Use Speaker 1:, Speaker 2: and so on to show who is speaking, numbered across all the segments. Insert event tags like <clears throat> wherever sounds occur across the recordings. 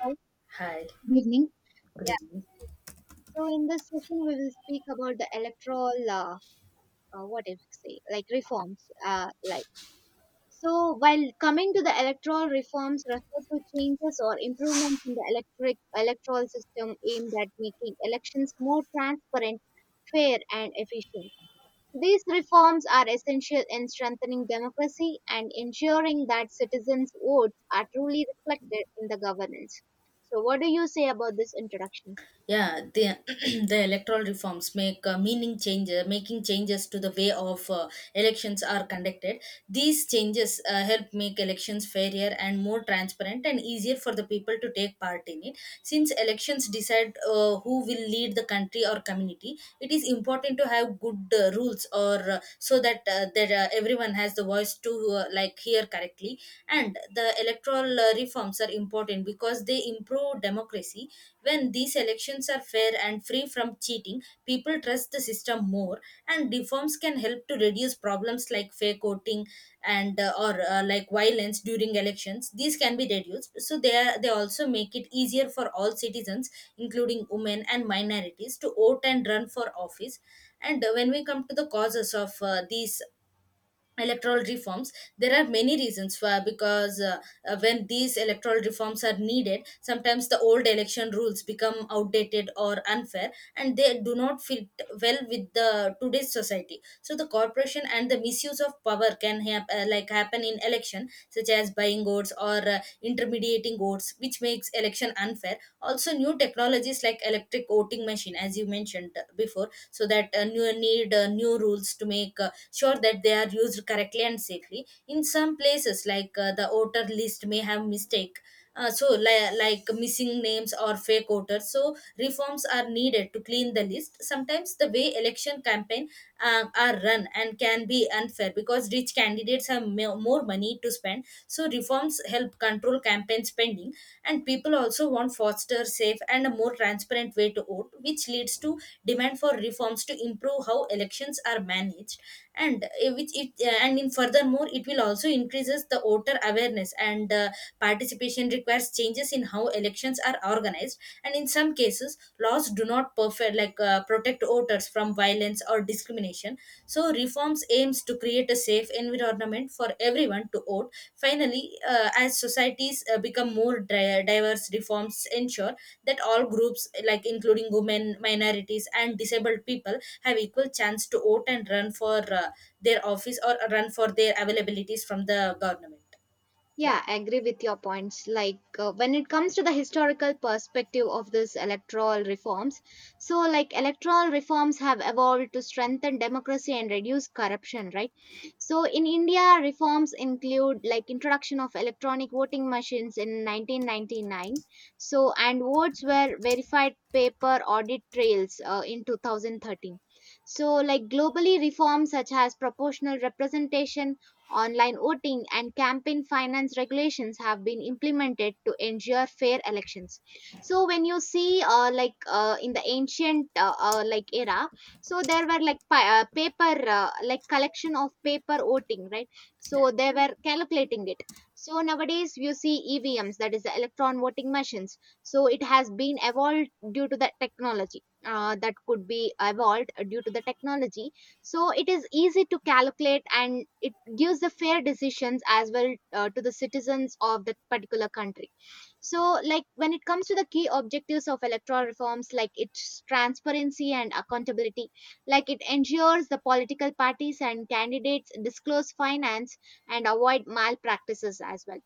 Speaker 1: Hi,
Speaker 2: Hi.
Speaker 1: good evening.
Speaker 2: Good
Speaker 1: Yeah.
Speaker 2: evening.
Speaker 1: So in this session, we will speak about the electoral, what if I say, like reforms, So while coming to the electoral reforms, refer to changes or improvements in the electric electoral system aimed at making elections more transparent, fair, and efficient. These reforms are essential in strengthening democracy and ensuring that citizens' votes are truly reflected in the governance. So, what do you say about this introduction?
Speaker 2: Yeah, the <clears throat> the electoral reforms make meaning changes, making changes to the way of elections are conducted. These changes help make elections fairer and more transparent and easier for the people to take part in it. Since elections decide who will lead the country or community, it is important to have good rules or so that everyone has the voice to like hear correctly. And the electoral reforms are important because they improve democracy. When these elections are fair and free from cheating, people trust the system more, and reforms can help to reduce problems like fair voting and or like violence during elections. These can be reduced, so they also make it easier for all citizens, including women and minorities, to vote and run for office. And when we come to the causes of these electoral reforms, there are many reasons for because when these electoral reforms are needed. Sometimes the old election rules become outdated or unfair and they do not fit well with the today's society, so the corporation and the misuse of power can like happen in election, such as buying votes or intermediating votes, which makes election unfair. Also, new technologies like electric voting machine, as you mentioned before, so that new need new rules to make sure that they are used correctly and safely. In some places, like the voter list may have mistake, like missing names or fake voters, so reforms are needed to clean the list. Sometimes the way election campaign are run and can be unfair because rich candidates have more money to spend, so reforms help control campaign spending. And people also want faster, safe and a more transparent way to vote, which leads to demand for reforms to improve how elections are managed. And which it and in furthermore, it will also increases the voter awareness and participation requires changes in how elections are organized. And in some cases, laws do not perfect like protect voters from violence or discrimination, so reforms aims to create a safe environment tournament for everyone to vote. Finally, as societies become more diverse, reforms ensure that all groups, like including women, minorities, and disabled people, have equal chance to vote and run for their office or run for their availabilities from the government. Yeah,
Speaker 1: Yeah, I agree with your points. Like when it comes to the historical perspective of these electoral reforms, so like electoral reforms have evolved to strengthen democracy and reduce corruption, right? So in India, reforms include like introduction of electronic voting machines in 1999. So and votes were verified paper audit trails in 2013. So like globally, reforms such as proportional representation, online voting, and campaign finance regulations have been implemented to ensure fair elections. So when you see, in the ancient like era, so there were like paper, like collection of paper voting, right?
Speaker 2: yeah,
Speaker 1: So they were calculating it. So nowadays you see EVMs, that is the electron voting machines. So it has been evolved due to the technology. That could be evolved due to the technology, so it is easy to calculate and it gives the fair decisions as well to the citizens of that particular country. So like when it comes to the key objectives of electoral reforms, like its transparency and accountability, like it ensures the political parties and candidates disclose finance and avoid malpractices as well.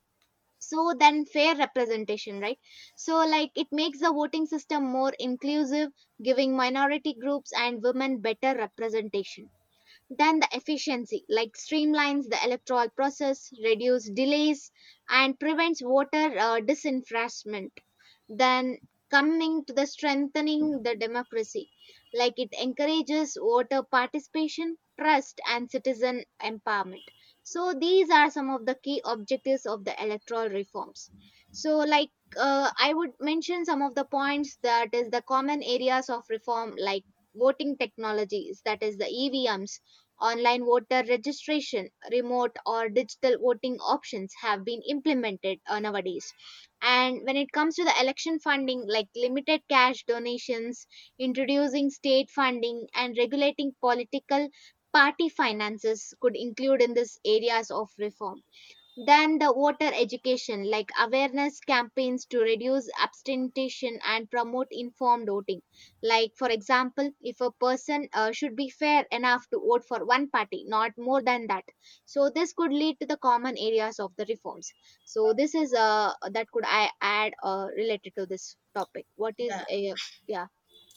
Speaker 1: So then fair representation, right? So like it makes the voting system more inclusive, giving minority groups and women better representation. Then the efficiency, like streamlines the electoral process, reduce delays, and prevents voter disenfranchisement. Then coming to the strengthening the democracy, like it encourages voter participation, trust, and citizen empowerment. So these are some of the key objectives of the electoral reforms. So like I would mention some of the points that is the common areas of reform, like voting technologies, that is the EVMs. Online voter registration, remote or digital voting options have been implemented nowadays. And when it comes to the election funding, like limited cash donations, introducing state funding, and regulating political party finances could include in these areas of reform. Then the water education, like awareness campaigns to reduce abstention and promote informed voting. Like, for example, if a person should be fair enough to vote for one party, not more than that. So, this could lead to the common areas of the reforms. So, this is that could I add related to this topic. What is,
Speaker 2: yeah.
Speaker 1: yeah,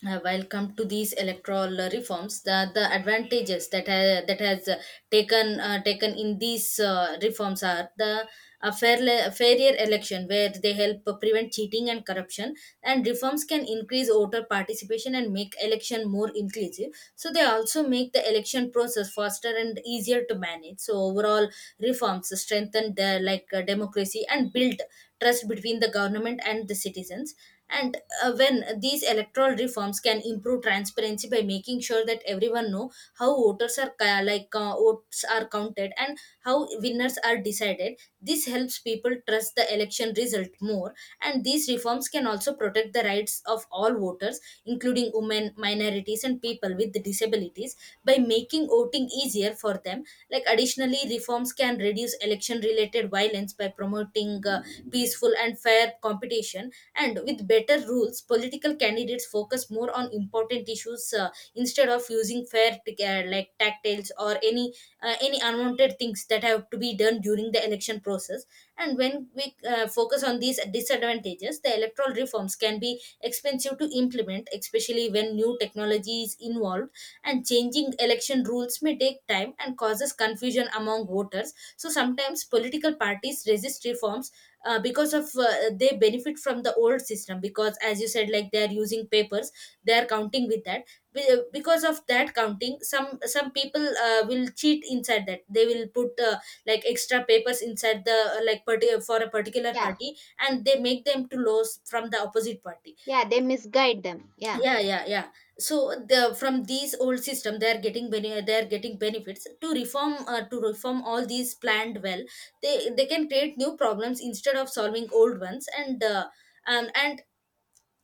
Speaker 2: While come to these electoral reforms, the advantages that has taken in these reforms are the a fairer election where they help prevent cheating and corruption. And reforms can increase voter participation and make election more inclusive, so they also make the election process faster and easier to manage. So overall, reforms strengthen the like democracy and build trust between the government and the citizens. And when these electoral reforms can improve transparency by making sure that everyone know how voters are ca- like votes are counted and how winners are decided, this helps people trust the election result more. And these reforms can also protect the rights of all voters, including women, minorities and people with disabilities, by making voting easier for them. Like additionally, reforms can reduce election related violence by promoting peaceful and fair competition. And with better rules, political candidates focus more on important issues instead of using like tactiles or any unwanted things that have to be done during the election process. And when we focus on these disadvantages, the electoral reforms can be expensive to implement, especially when new technology is involved. And changing election rules may take time and causes confusion among voters. So sometimes political parties resist reforms because of they benefit from the old system, because as you said, like they are using papers, they are counting with that. Because of that counting, some people will cheat inside that. They will put like extra papers inside the for a particular
Speaker 1: yeah,
Speaker 2: party and they make them to lose from the opposite party.
Speaker 1: yeah, they misguide them. Yeah.
Speaker 2: Yeah, yeah, yeah. So the from these old system, they are getting they are getting benefits to reform all these planned well, they can create new problems instead of solving old ones. And um, and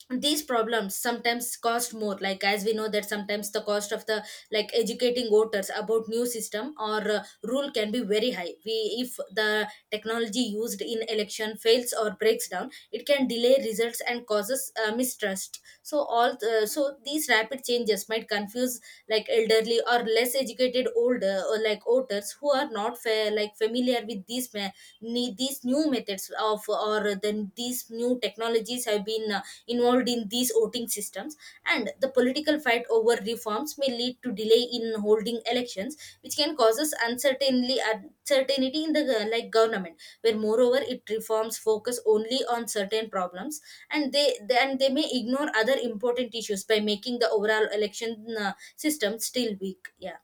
Speaker 2: these problems sometimes cost more, like as we know that sometimes the cost of the like educating voters about new system or rule can be very high. We if the technology used in election fails or breaks down, it can delay results and causes mistrust. So all so these rapid changes might confuse like elderly or less educated older or like voters who are not like familiar with these these new methods of, or then these new technologies have been involved in these voting systems. And the political fight over reforms may lead to delay in holding elections, which can causes uncertainty in the like government. Where moreover, it reforms focus only on certain problems, and then they may ignore other important issues by making the overall election system still weak. Yeah.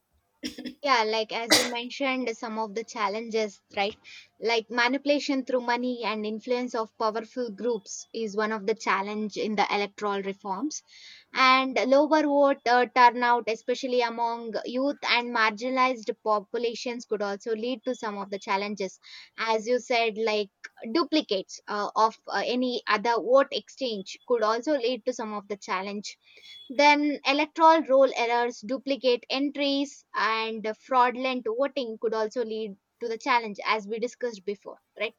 Speaker 1: Yeah, like as you mentioned, some of the challenges, right? Like manipulation through money and influence of powerful groups is one of the challenge in the electoral reforms. And lower vote turnout, especially among youth and marginalized populations, could also lead to some of the challenges. As you said, like duplicates of any other vote exchange could also lead to some of the challenge. Then electoral roll errors, duplicate entries, and fraudulent voting could also lead to the challenge, as we discussed before, right?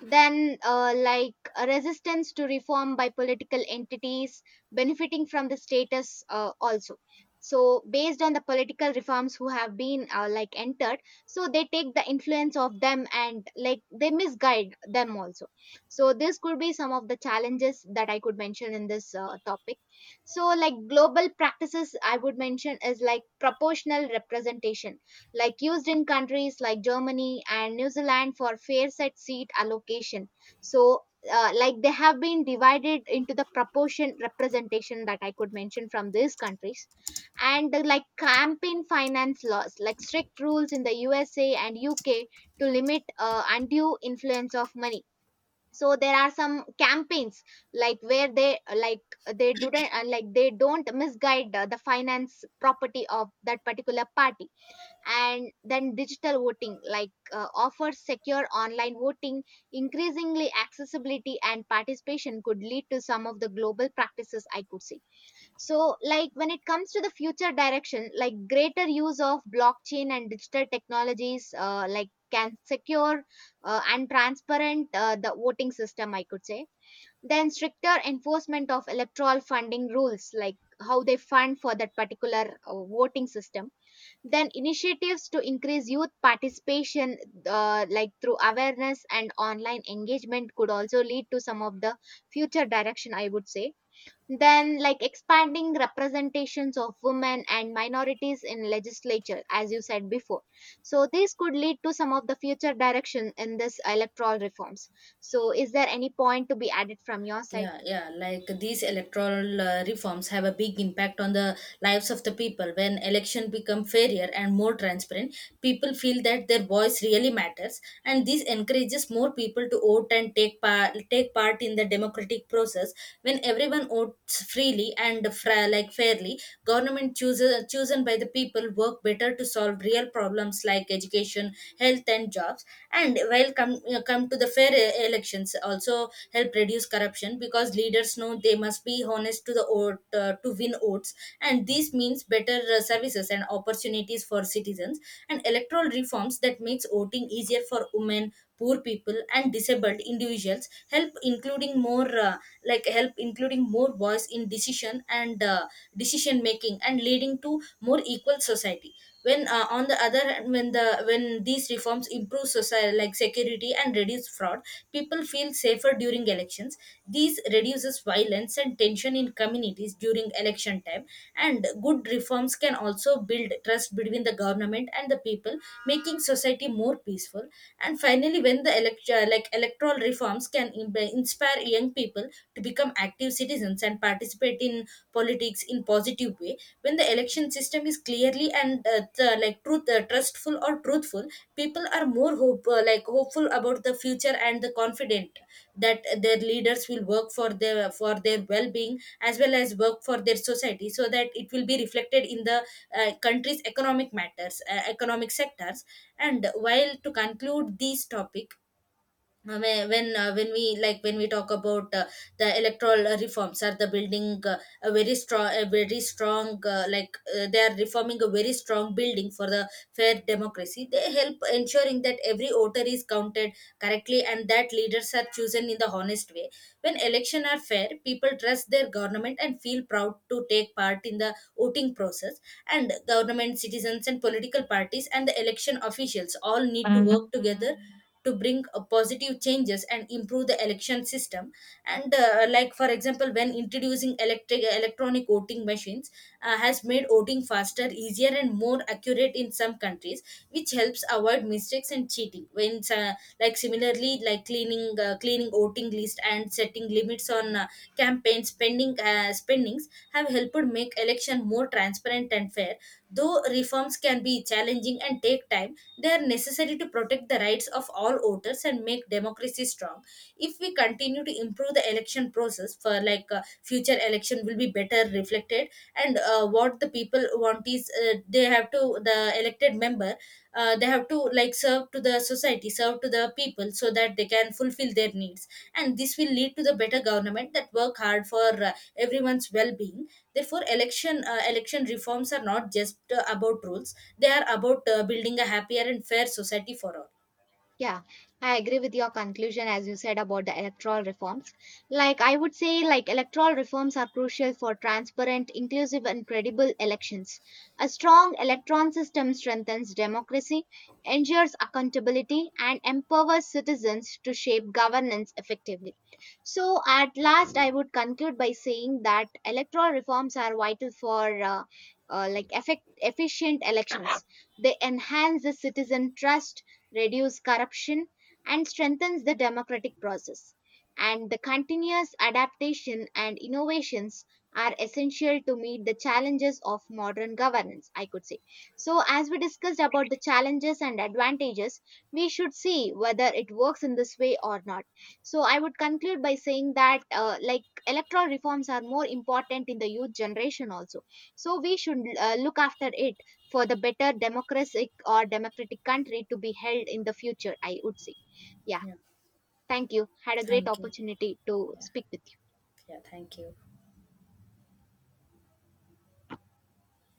Speaker 1: Then like a resistance to reform by political entities benefiting from the status also. So based on the political reforms who have been like entered, so they take the influence of them and like they misguide them also. So this could be some of the challenges that I could mention in this topic. So like global practices I would mention is like proportional representation, like used in countries like Germany and New Zealand for fair set seat allocation. So, like they have been divided into the proportion representation that I could mention from these countries, and like campaign finance laws, like strict rules in the USA and UK to limit undue influence of money. So there are some campaigns like where they don't they don't misguide the finance property of that particular party. And then digital voting, like offers secure online voting, increasingly accessibility and participation could lead to some of the global practices I could see. So like when it comes to the future direction, like greater use of blockchain and digital technologies like can secure and transparent the voting system I could say. Then stricter enforcement of electoral funding rules, like how they fund for that particular voting system. Then initiatives to increase youth participation, like through awareness and online engagement, could also lead to some of the future direction, I would say. Then, like expanding representations of women and minorities in legislature, as you said before. So, this could lead to some of the future direction in this electoral reforms. So, is there any point to be added from your side?
Speaker 2: Yeah, yeah, like these electoral reforms have a big impact on the lives of the people. When election become fairer and more transparent, people feel that their voice really matters, and this encourages more people to vote and take part in the democratic process. When everyone votes freely and like fairly, government chooses chosen by the people work better to solve real problems like education, health, and jobs. And while come to the fair elections also help reduce corruption, because leaders know they must be honest to the vote to win votes. And this means better services and opportunities for citizens. And electoral reforms that makes voting easier for women, poor people and disabled individuals help including more like help including more voice in decision and decision making, and leading to more equal society. When on the other hand, when these reforms improve society like security and reduce fraud, people feel safer during elections. These reduces violence and tension in communities during election time. And good reforms can also build trust between the government and the people, making society more peaceful. And finally, when the like electoral reforms can inspire young people to become active citizens and participate in politics in positive way. When the election system is clearly and like truth trustful or truthful, people are more hope like hopeful about the future and the confident that their leaders will work for their well-being, as well as work for their society, so that it will be reflected in the country's economic matters, economic sectors. And while to conclude this topic, when we talk about the electoral reforms are the building a very strong they are reforming a very strong building for the fair democracy. They help ensuring that every voter is counted correctly and that leaders are chosen in the honest way. When election are fair, people trust their government and feel proud to take part in the voting process. And government, citizens, and political parties and the election officials all need to
Speaker 1: Mm.
Speaker 2: work together to bring positive changes and improve the election system. And like for example, when introducing electric electronic voting machines has made voting faster, easier and more accurate in some countries, which helps avoid mistakes and cheating. When like similarly, like cleaning voting list and setting limits on campaign spendings have helped make election more transparent and fair. Though reforms can be challenging and take time, they are necessary to protect the rights of all voters and make democracy strong. If we continue to improve the election process for like future election will be better reflected. And what the people want is the elected member they have to like serve to the society, serve to the people, so that they can fulfill their needs. And this will lead to the better government that work hard for everyone's well-being. Therefore, election reforms are not just about rules, they are about building a happier and fair society for all.
Speaker 1: Yeah, I agree with your conclusion as you said about the electoral reforms. Like I would say, like electoral reforms are crucial for transparent, inclusive and credible elections. A strong electron system strengthens democracy, ensures accountability and empowers citizens to shape governance effectively. So at last I would conclude by saying that electoral reforms are vital for like effect efficient elections. They enhance the citizen trust, reduce corruption, and strengthens the democratic process. And the continuous adaptation and innovations are essential to meet the challenges of modern governance, I could say. So, as we discussed about the challenges and advantages, we should see whether it works in this way or not. So, I would conclude by saying that, like, electoral reforms are more important in the youth generation also. So, we should look after it for the better democratic or democratic country to be held in the future, I would say. Yeah,
Speaker 2: Yeah,
Speaker 1: thank you. Had a great
Speaker 2: thank you.
Speaker 1: opportunity to
Speaker 2: Yeah,
Speaker 1: speak with you.
Speaker 2: yeah, thank you.